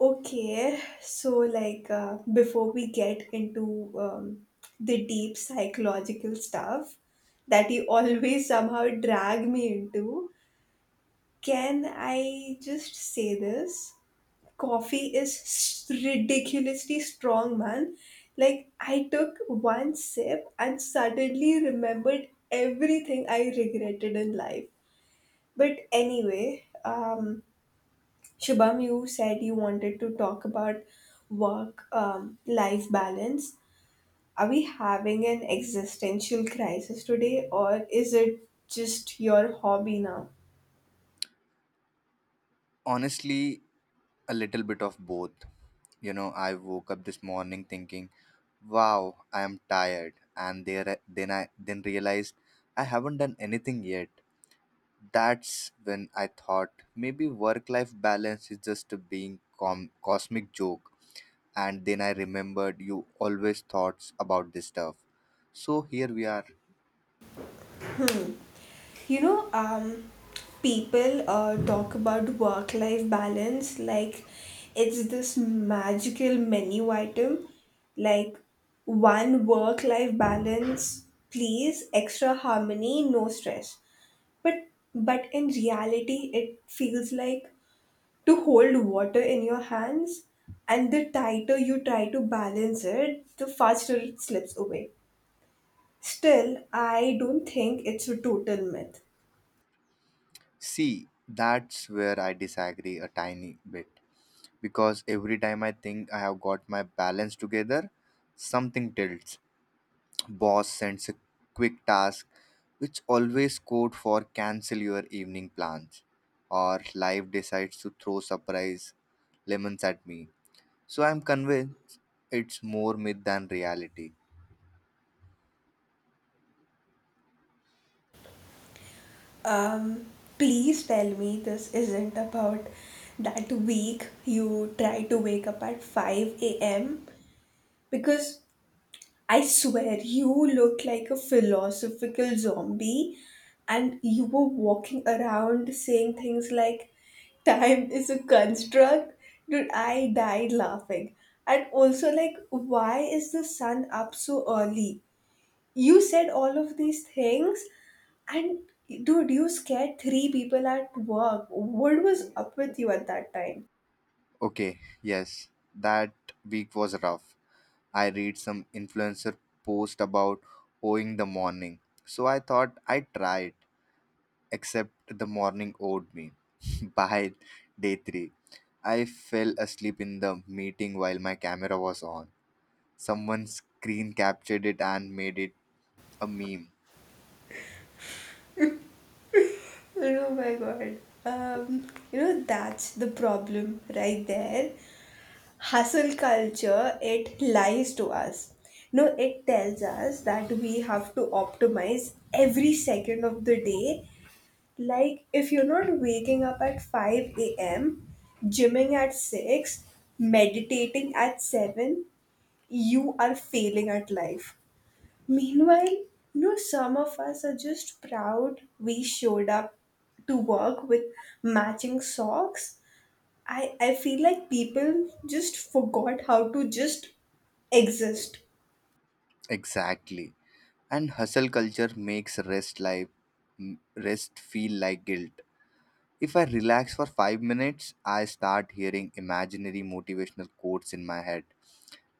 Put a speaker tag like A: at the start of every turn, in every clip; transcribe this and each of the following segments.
A: Okay, so like before we get into the deep psychological stuff that you always somehow drag me into, can I just say this? Coffee is ridiculously strong, man. Like, I took one sip and suddenly remembered everything I regretted in life. But anyway, Shubham, you said you wanted to talk about work life balance. Are we having an existential crisis today, or is it just your hobby now?
B: Honestly, a little bit of both. You know, I woke up this morning thinking, "Wow, I am tired," and there then I then realized I haven't done anything yet. That's when I thought maybe work-life balance is just a being cosmic joke. And then I remembered you always thoughts about this stuff. So here we are.
A: Hmm. You know, people talk about work life balance like it's this magical menu item, like one work life balance, please, extra harmony, no stress. But but in reality it feels like to hold water in your hands, and the tighter you try to balance it, the faster it slips away. Still, I don't think it's a total myth.
B: See, that's where I disagree a tiny bit, because every time I think I have got my balance together, something tilts. Boss sends a quick task, which always code for cancel your evening plans, or life decides to throw surprise lemons at me. So I'm convinced it's more myth than reality.
A: Um please tell me this isn't about that week you try to wake up at 5 a.m. because I swear you looked like a philosophical zombie, and you were walking around saying things like time is a construct. Dude, I died laughing. And also, like, why is the sun up so early? You said all of these things, and dude, you scared three people at work. What was up with you at that time?
B: Okay, yes, that week was rough. I read some influencer post about owing the morning. So I thought I'd try it, except the morning owed me. By day three, I fell asleep in the meeting while my camera was on. Someone screen captured it and made it a meme.
A: Oh my god. Um, you know, that's the problem right there. Hustle culture, it lies to us. No, it tells us that we have to optimize every second of the day. Like, if you're not waking up at 5 a.m., gymming at 6, meditating at 7, you are failing at life. Meanwhile, some of us are just proud we showed up to work with matching socks. I feel like people just forgot how to just exist.
B: Exactly. And hustle culture makes rest feel like guilt. If I relax for 5 minutes, I start hearing imaginary motivational quotes in my head,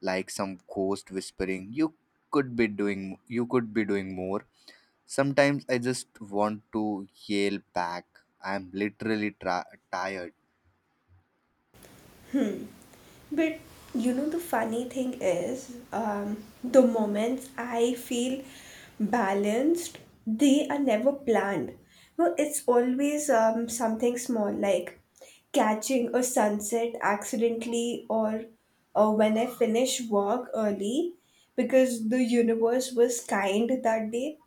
B: like some ghost whispering, "You could be doing, you could be doing more." Sometimes I just want to yell back. I'm literally tired.
A: But you know, the funny thing is, the moments I feel balanced, they are never planned. No, it's always something small, like catching a sunset accidentally, or when I finish work early because the universe was kind that day.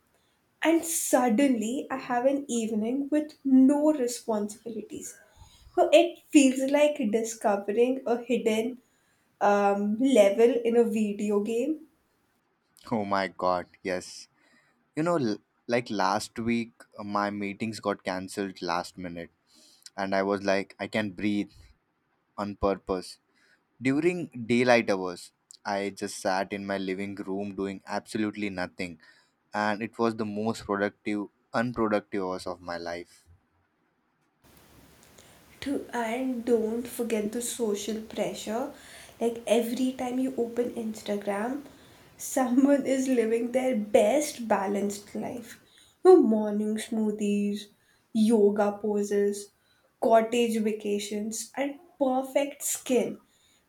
A: And suddenly I have an evening with no responsibilities. So it feels like discovering a hidden level in a video game.
B: Oh my god, yes. You know, like last week, my meetings got cancelled last minute, and I was like, I can breathe on purpose. During daylight hours, I just sat in my living room doing absolutely nothing, and it was the most productive, unproductive hours of my life.
A: To And don't forget the social pressure, like every time you open Instagram, someone is living their best balanced life. No, morning smoothies, yoga poses, cottage vacations, and perfect skin.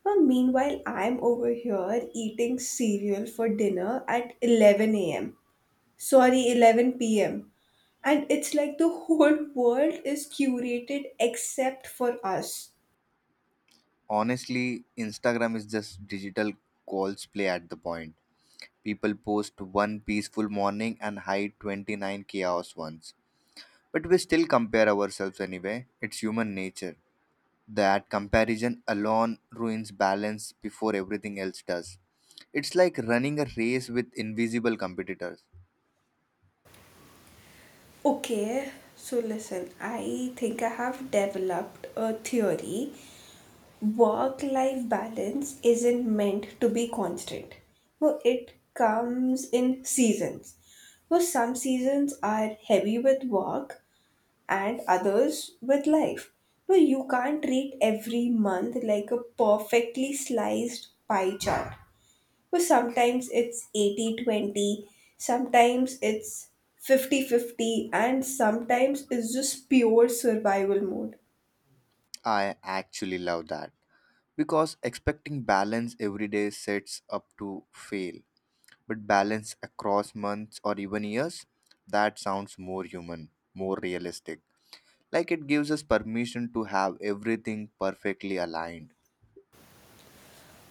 A: Well, meanwhile, I'm over here eating cereal for dinner at 11 a.m., sorry, 11 p.m., and it's like the whole world is curated except for us.
B: Honestly, Instagram is just digital calls play at the point. People post one peaceful morning and hide 29 chaos ones. But we still compare ourselves anyway. It's human nature. That comparison alone ruins balance before everything else does. It's like running a race with invisible competitors.
A: Okay, so listen, I think I have developed a theory. Work life balance isn't meant to be constant, well, it comes in seasons. Well, some seasons are heavy with work and others with life. Well, you can't treat every month like a perfectly sliced pie chart. But sometimes it's 80/20, sometimes it's 50/50, and sometimes it's just pure survival mode.
B: I actually love that because expecting balance every day sets up to fail. But balance across months or even years, that sounds more human, more realistic. Like it gives us permission to have everything perfectly aligned.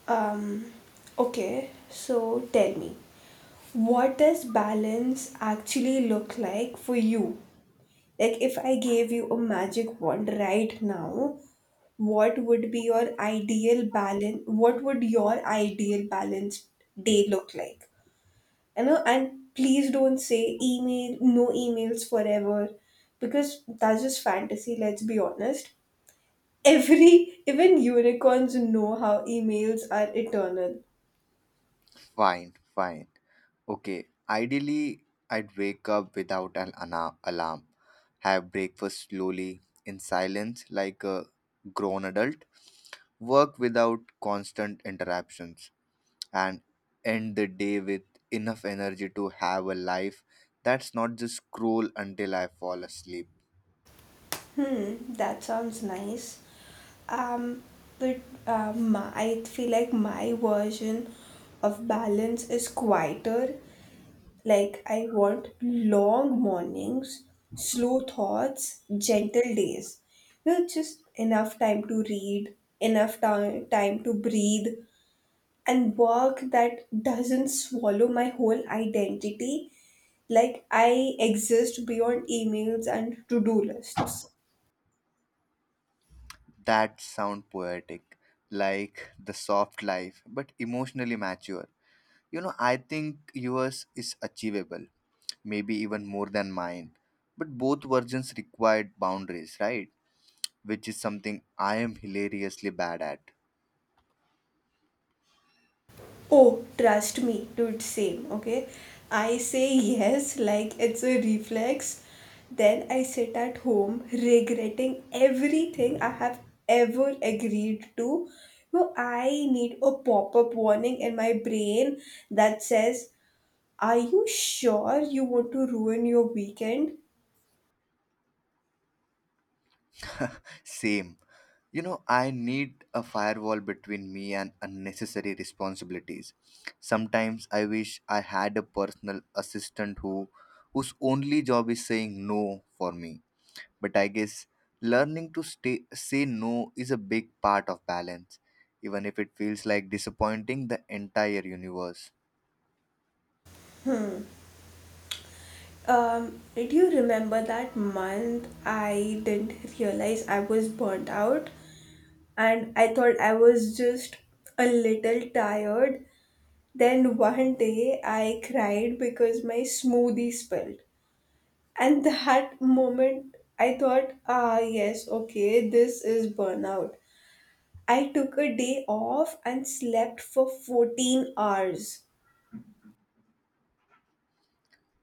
A: Um, okay, so tell me, what does balance actually look like for you? Like, if I gave you a magic wand right now, what would be your ideal balance? What would your ideal balanced day look like? You know, and please don't say email, no emails forever, because that's just fantasy, let's be honest. Even unicorns know how emails are eternal.
B: Fine, fine. Okay, ideally, I'd wake up without an alarm, have breakfast slowly in silence like a grown adult, work without constant interruptions, and end the day with enough energy to have a life that's not just scroll until I fall asleep.
A: Hmm, that sounds nice. Um, but I feel like my version of balance is quieter. Like, I want long mornings, slow thoughts, gentle days. You know, just enough time to read, time to breathe, and work that doesn't swallow my whole identity. Like, I exist beyond emails and to do lists.
B: That sound poetic, like the soft life, but emotionally mature. You know, I think yours is achievable, maybe even more than mine. But both versions required boundaries, right? Which is something I am hilariously bad at.
A: Oh, trust me, dude, same, okay? I say yes like it's a reflex. Then I sit at home regretting everything I have ever agreed to. No, I need a pop up warning in my brain that says, are you sure you want to ruin your weekend?
B: Same. You know, I need a firewall between me and unnecessary responsibilities. Sometimes I wish I had a personal assistant whose only job is saying no for me. But I guess learning to say no is a big part of balance, even if it feels like disappointing the entire universe.
A: Do you remember that month I didn't realize I was burnt out? And I thought I was just a little tired. Then one day I cried because my smoothie spilled. And that moment I thought, ah, yes, okay, this is burnout. I took a day off and slept for 14 hours.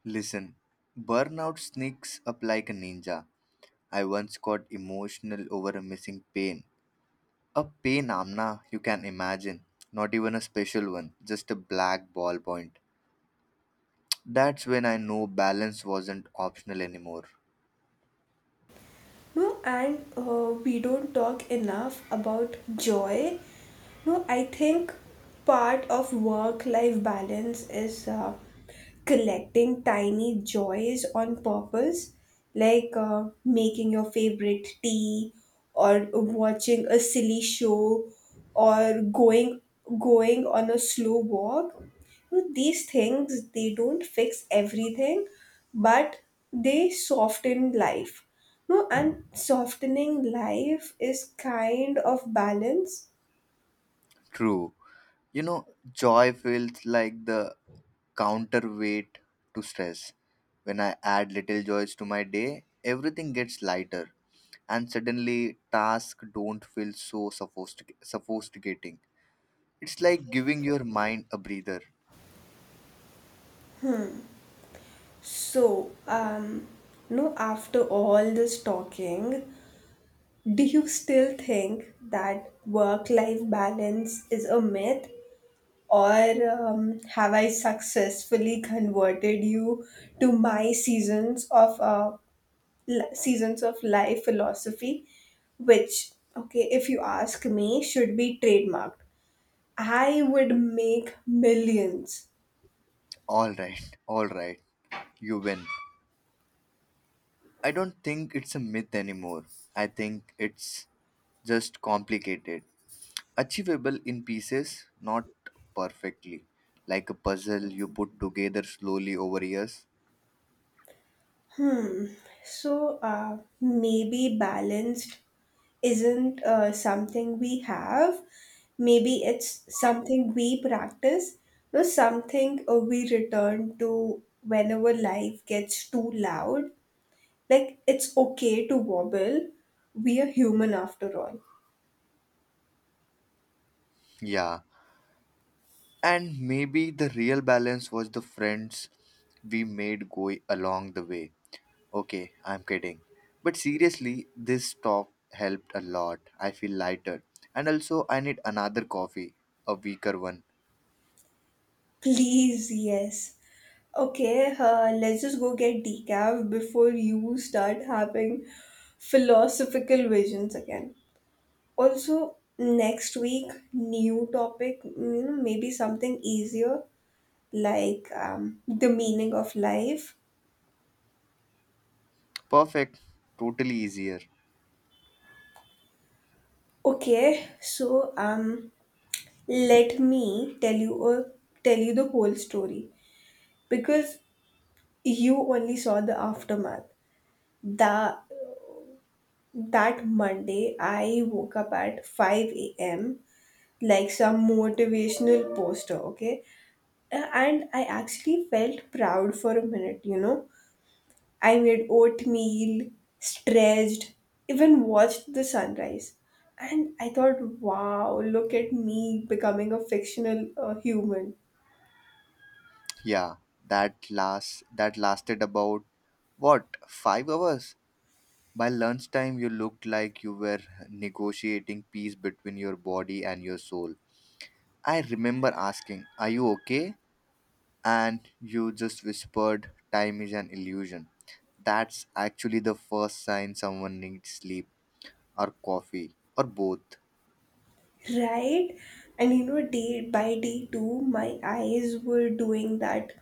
B: Listen, burnout sneaks up like a ninja. I once got emotional over a missing pain. A pain, Amna, you can imagine. Not even a special one, just a black ballpoint. That's when I know balance wasn't optional anymore.
A: No, and we don't talk enough about joy. No, I think part of work life balance is collecting tiny joys on purpose, like making your favorite tea, or watching a silly show, or going on a slow walk. No, these things, they don't fix everything, but they soften life. No, and softening life is kind of balance.
B: True. You know, joy feels like the counterweight to stress. When I add little joys to my day, everything gets lighter, and suddenly tasks don't feel so sophisticating. It's like giving your mind a breather.
A: So, no, after all this talking, do you still think that work life balance is a myth? Or have I successfully converted you to my seasons of seasons of life philosophy, which, okay, if you ask me, should be trademarked? I would make millions.
B: All right, you win. I don't think it's a myth anymore. I think it's just complicated. Achievable in pieces, not perfectly. Like a puzzle you put together slowly over years.
A: Hmm. So maybe balanced isn't something we have. Maybe it's something we practice, or something we return to whenever life gets too loud. Like, it's okay to wobble. We are human after all.
B: Yeah. And maybe the real balance was the friends we made go along the way. Okay, I'm kidding. But seriously, this talk helped a lot. I feel lighter. And also, I need another coffee, a weaker one.
A: Please, yes. Okay, let's just go get decaf before you start having philosophical visions again. Also, next week, new topic, you know, maybe something easier, like the meaning of life.
B: Perfect, totally easier.
A: Okay, so let me tell you tell you the whole story, because you only saw the aftermath. That That Monday, I woke up at 5 a.m. like some motivational poster, okay? And I actually felt proud for a minute, you know? I made oatmeal, stretched, even watched the sunrise. And I thought, wow, look at me becoming a fictional human.
B: Yeah, that lasted about what, 5 hours? By lunchtime you looked like you were negotiating peace between your body and your soul. I remember asking, "Are you okay?" And you just whispered, "Time is an illusion." That's actually the first sign someone needs sleep or coffee or both.
A: Right? And you know, day by day too, my eyes were doing that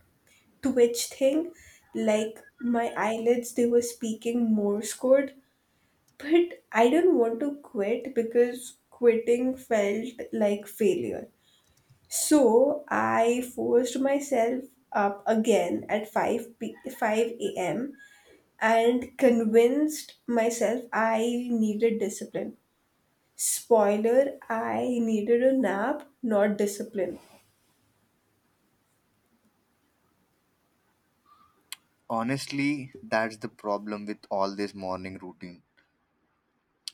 A: twitch thing. Like, my eyelids, they were speaking Morse code. But I didn't want to quit, because quitting felt like failure. So I forced myself up again at 5 a.m. and convinced myself I needed discipline. Spoiler, I needed a nap, not discipline.
B: Honestly, that's the problem with all this morning routine.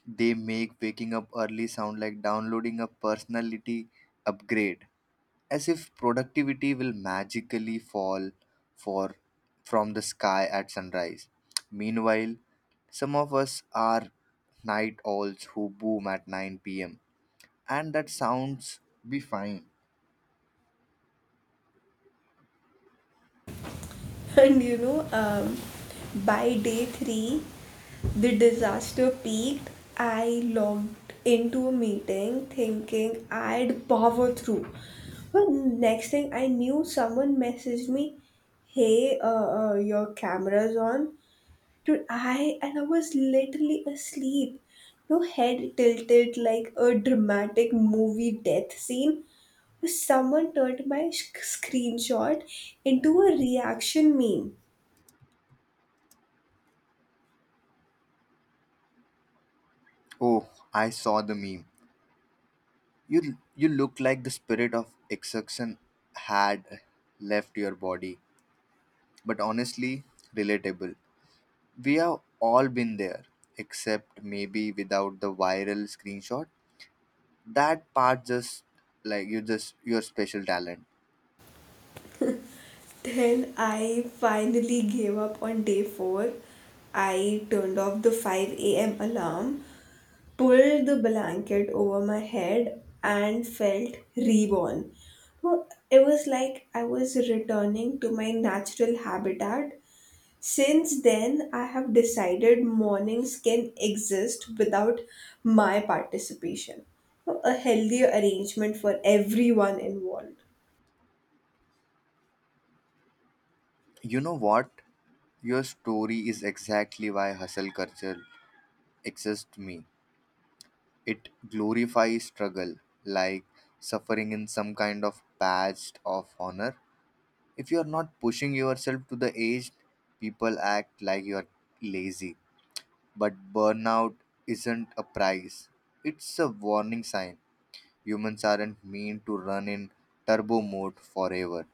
B: They make waking up early sound like downloading a personality upgrade, as if productivity will magically fall for from the sky at sunrise. Meanwhile, some of us are night owls who boom at 9 p.m., and that sounds be fine.
A: And you know, by day three, the disaster peaked. I logged into a meeting thinking I'd power through. But next thing I knew, someone messaged me, hey, your camera's on. Dude, I and I was literally asleep. No, head tilted like a dramatic movie death scene. Someone turned my screenshot into a reaction meme.
B: Oh, I saw the meme. You look like the spirit of exhaustion had left your body, but honestly, relatable. We have all been there, except maybe without the viral screenshot. That part just like your special talent.
A: Then I finally gave up on day 4. I turned off the 5 a.m. alarm, pulled the blanket over my head, and felt reborn. Well, it was like I was returning to my natural habitat. Since then, I have decided mornings can exist without my participation. So, a healthier arrangement for everyone involved.
B: You know what? Your story is exactly why hustle culture exists to me. It glorifies struggle, like suffering in some kind of badge of honor. If you are not pushing yourself to the edge, people act like you are lazy. But burnout isn't a prize, it's a warning sign. Humans aren't meant to run in turbo mode forever.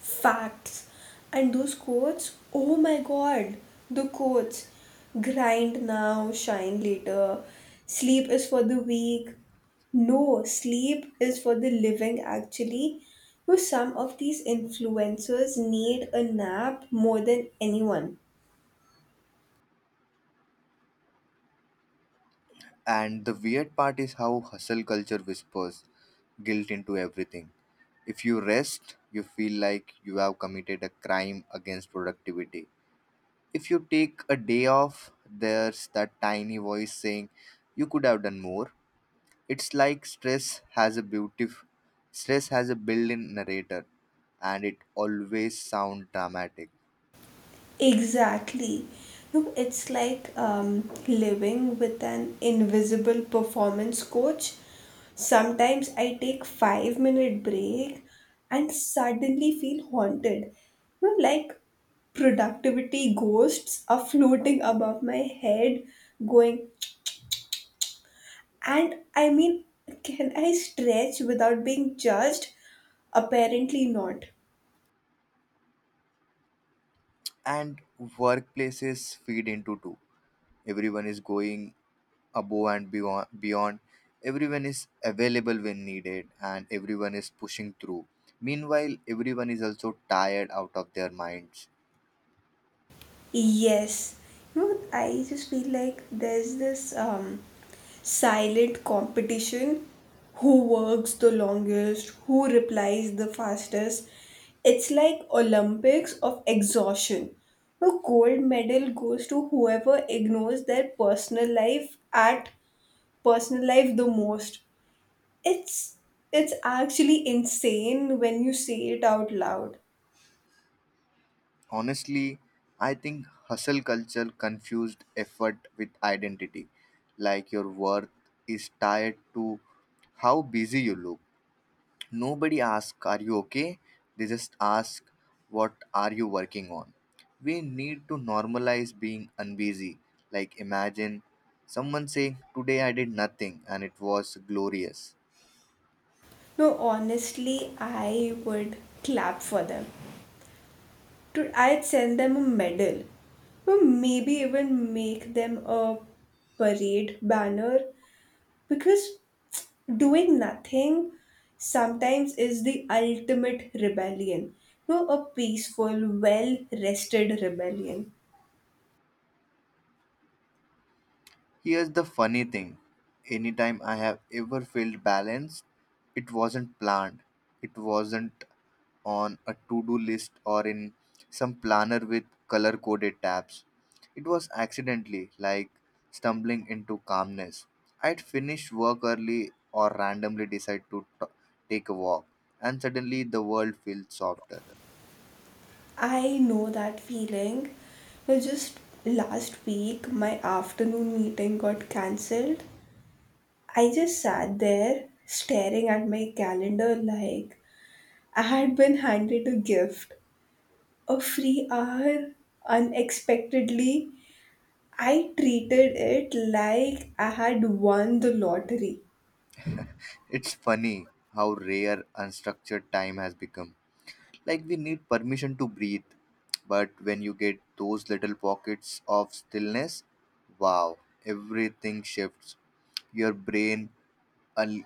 A: Facts. And those quotes, oh my god, the quotes, grind now, shine later, sleep is for the weak. No, sleep is for the living, actually. You know, some of these influencers need a nap more than anyone.
B: And the weird part is how hustle culture whispers guilt into everything. If you rest, you feel like you have committed a crime against productivity. If you take a day off, there's that tiny voice saying you could have done more. It's like stress has a built-in narrator, and it always sounds dramatic.
A: Exactly. No, it's like living with an invisible performance coach. Sometimes I take 5-minute break and suddenly feel haunted. You know, like, productivity ghosts are floating above my head, going, and I mean, can I stretch without being judged? Apparently not.
B: And workplaces feed into too. Everyone is going above and beyond, everyone is available when needed, and everyone is pushing through. Meanwhile everyone is also tired out of their minds.
A: Yes. You know, I just feel like there's this silent competition, who works the longest, who replies the fastest. It's like Olympics of exhaustion. A gold medal goes to whoever ignores their personal life the most. It's it's actually insane when you say it out loud.
B: Honestly, I think hustle culture confused effort with identity, like your worth is tied to how busy you look. Nobody asks, "Are you okay?" They just ask, "What are you working on?" We need to normalize being unbusy. Like, imagine someone saying, "Today I did nothing and it was glorious."
A: No, honestly, I would clap for them. To I'd send them a medal, or maybe even make them a parade banner, because doing nothing sometimes is the ultimate rebellion. No, a peaceful, well rested rebellion.
B: Here's the funny thing, anytime I have ever felt balanced, it wasn't planned, it wasn't on a to-do list or in some planner with color-coded tabs. It was accidentally like stumbling into calmness. I'd finish work early or randomly decide to take a walk, and suddenly the world feels softer.
A: I know that feeling. No, just last week, my afternoon meeting got cancelled. I just sat there staring at my calendar like I had been handed a gift, a free hour, unexpectedly. I treated it like I had won the lottery.
B: It's funny how rare unstructured time has become. Like we need permission to breathe, but when you get those little pockets of stillness, wow, everything shifts. Your brain al-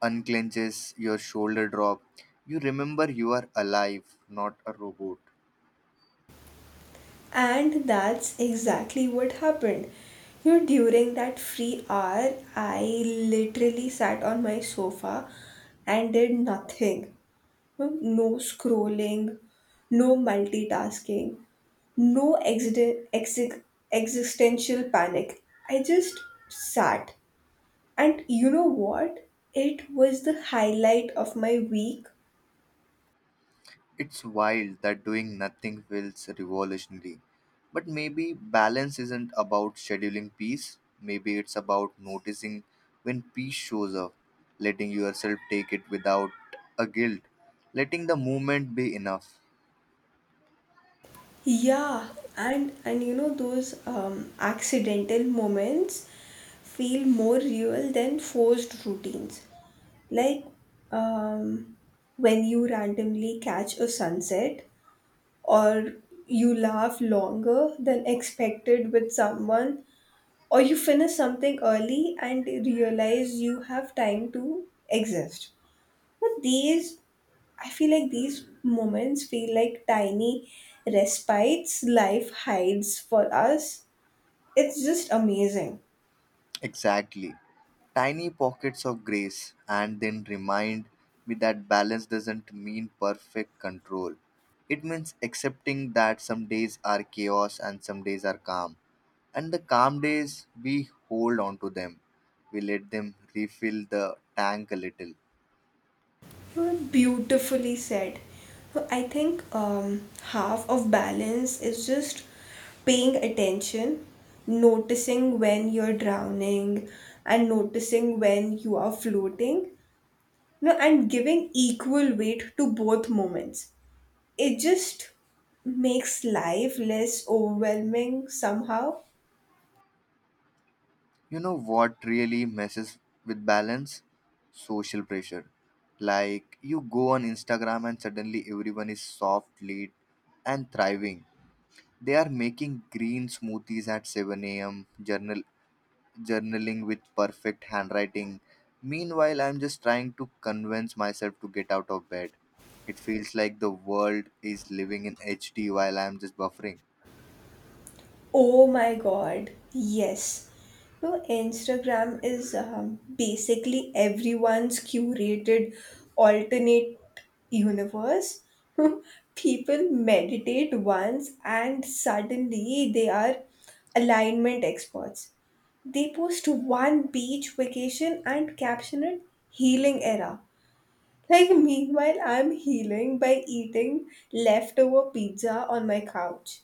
B: unclenches, your shoulder drop. You remember you are alive, not a robot.
A: And that's exactly what happened. You know, during that free hour, I literally sat on my sofa and did nothing. No scrolling, no multitasking, no existential panic. I just sat. And you know what? It was the highlight of my week.
B: It's wild that doing nothing feels revolutionary. But maybe balance isn't about scheduling peace, maybe it's about noticing when peace shows up, letting yourself take it without a guilt, letting the moment be enough.
A: Yeah, and you know, those accidental moments feel more real than forced routines. Like, um, when you randomly catch a sunset, or you laugh longer than expected with someone, or you finish something early and realize you have time to exist. But these, I feel like these moments feel like tiny respites life hides for us. It's just amazing.
B: Exactly. Tiny pockets of grace, and then remind me that balance doesn't mean perfect control. It means accepting that some days are chaos and some days are calm. And the calm days, we hold on to them. We let them refill the tank a little.
A: Beautifully said. So, I think half of balance is just paying attention, noticing when you're drowning, and noticing when you are floating, you know, and giving equal weight to both moments. It just makes life less overwhelming somehow.
B: You know what really messes with balance? Social pressure. Like you go on Instagram and suddenly everyone is soft, lead, and thriving. They are making green smoothies at 7 a.m., journaling with perfect handwriting. Meanwhile, I'm just trying to convince myself to get out of bed. It feels like the world is living in HD while I'm just buffering.
A: Oh my god, yes. No, Instagram is basically everyone's curated alternate universe. People meditate once and suddenly they are alignment experts. They post one beach vacation and caption it healing era. Like, meanwhile, I'm healing by eating leftover pizza on my couch.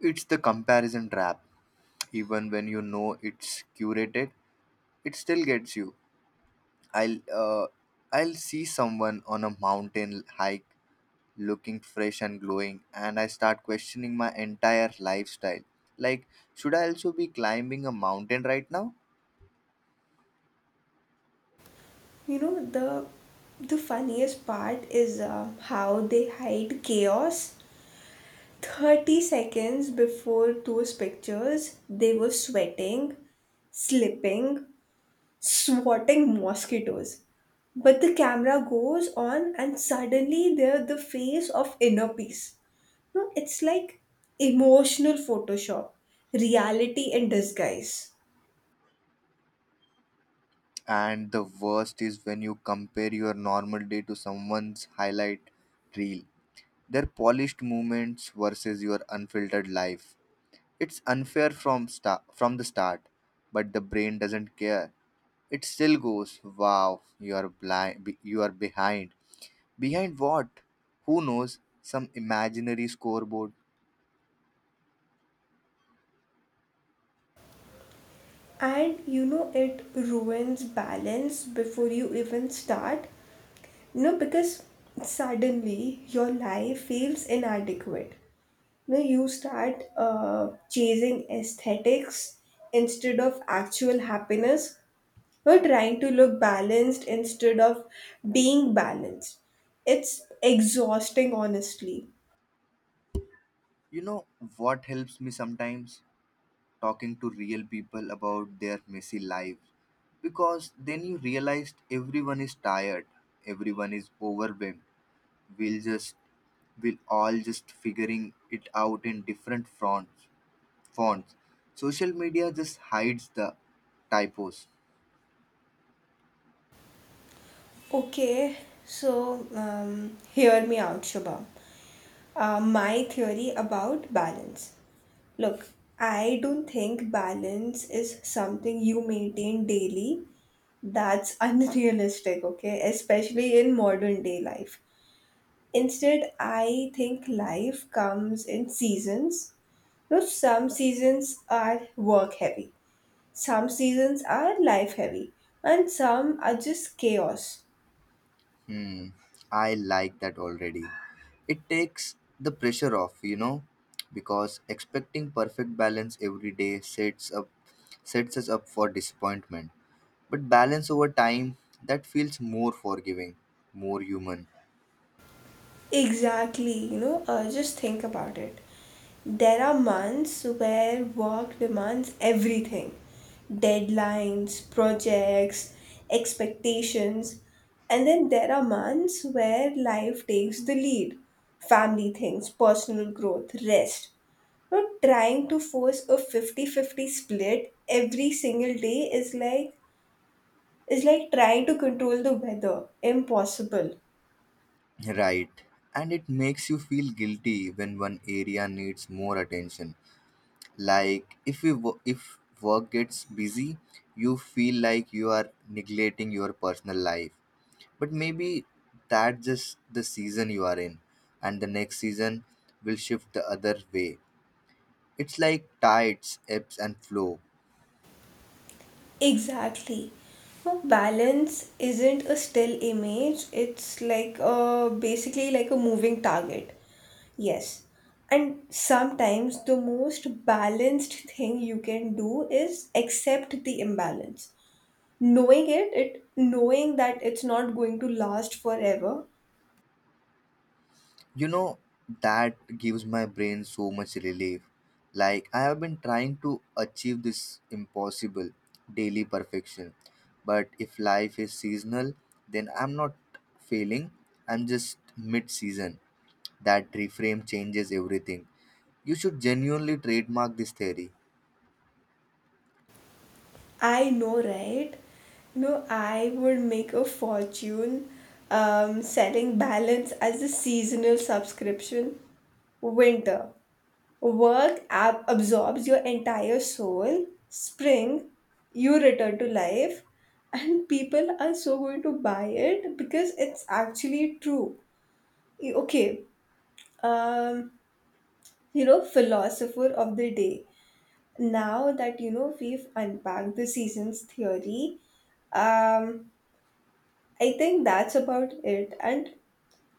B: It's the comparison trap. Even when you know it's curated, it still gets you. I'll uh, I'll see someone on a mountain hike looking fresh and glowing, and I start questioning my entire lifestyle. Like, should I also be climbing a mountain right now?
A: You know, the funniest part is how they hide chaos. 30 seconds before those pictures, they were sweating, slipping, swatting mosquitoes. But the camera goes on, and suddenly they're the face of inner peace. No, it's like emotional Photoshop, reality in disguise.
B: And the worst is when you compare your normal day to someone's highlight reel, their polished moments versus your unfiltered life. It's unfair from the start, but the brain doesn't care. It still goes, "Wow, you are blind. You are behind. Behind what? Who knows? Some imaginary scoreboard."
A: And you know, it ruins balance before you even start. You know, because suddenly your life feels inadequate. You know, you start chasing aesthetics instead of actual happiness. You're trying to look balanced instead of being balanced. It's exhausting, honestly.
B: You know what helps me sometimes? Talking to real people about their messy lives. Because then you realized everyone is tired, everyone is overwhelmed. We'll just we'll all just figuring it out in different fronts fonts. Social media just hides the typos.
A: Okay, so hear me out, Shubham. My theory about balance. Look, I don't think balance is something you maintain daily. That's unrealistic, okay? Especially in modern day life. Instead, I think life comes in seasons. No, some seasons are work heavy, some seasons are life heavy, and some are just chaos.
B: Hmm, I like that already. It takes the pressure off, you know, because expecting perfect balance every day sets us up for disappointment. But balance over time, that feels more forgiving, more human.
A: Exactly, you know, just think about it. There are months where work demands everything, deadlines, projects, expectations. And then there are months where life takes the lead, family things, personal growth, rest. Not trying to force a 50-50 split every single day is like trying to control the weather. Impossible.
B: Right. And it makes you feel guilty when one area needs more attention. Like if we wo- if work gets busy, you feel like you are neglecting your personal life, but maybe that's just the season you are in, and the next season will shift the other way. It's like tides ebbs and flow.
A: Exactly. Now, balance isn't a still image, it's like a, basically like a moving target. Yes. And sometimes the most balanced thing you can do is accept the imbalance. Knowing that it's not going to last forever.
B: You know, that gives my brain so much relief. Like I have been trying to achieve this impossible daily perfection, but if life is seasonal, then I'm not failing, I'm just mid season. That reframe changes everything. You should genuinely trademark this theory.
A: I know, right? No, I would make a fortune selling balance as a seasonal subscription. Winter. Work absorbs your entire soul. Spring, you return to life. And people are so going to buy it because it's actually true. Okay, um, you know, philosopher of the day, now that you know we've unpacked the seasons theory, um I think that's about it. and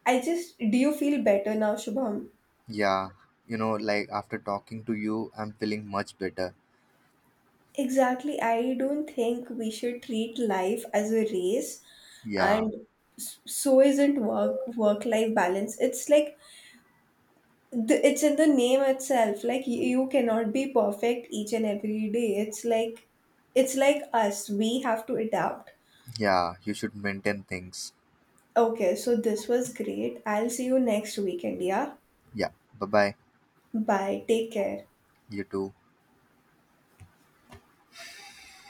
A: i just do you feel better now, Shubham?
B: Yeah, you know, like after talking to you, I'm feeling much better.
A: Exactly, I don't think we should treat life as a race.
B: Yeah,
A: And so, isn't work life balance, it's like it's in the name itself, like you cannot be perfect each and every day. It's like us, we have to adapt.
B: yeah, you should maintain things.
A: Okay, so this was great. I'll see you next weekend, yeah?
B: Yeah, bye bye.
A: Bye. Take care.
B: You too.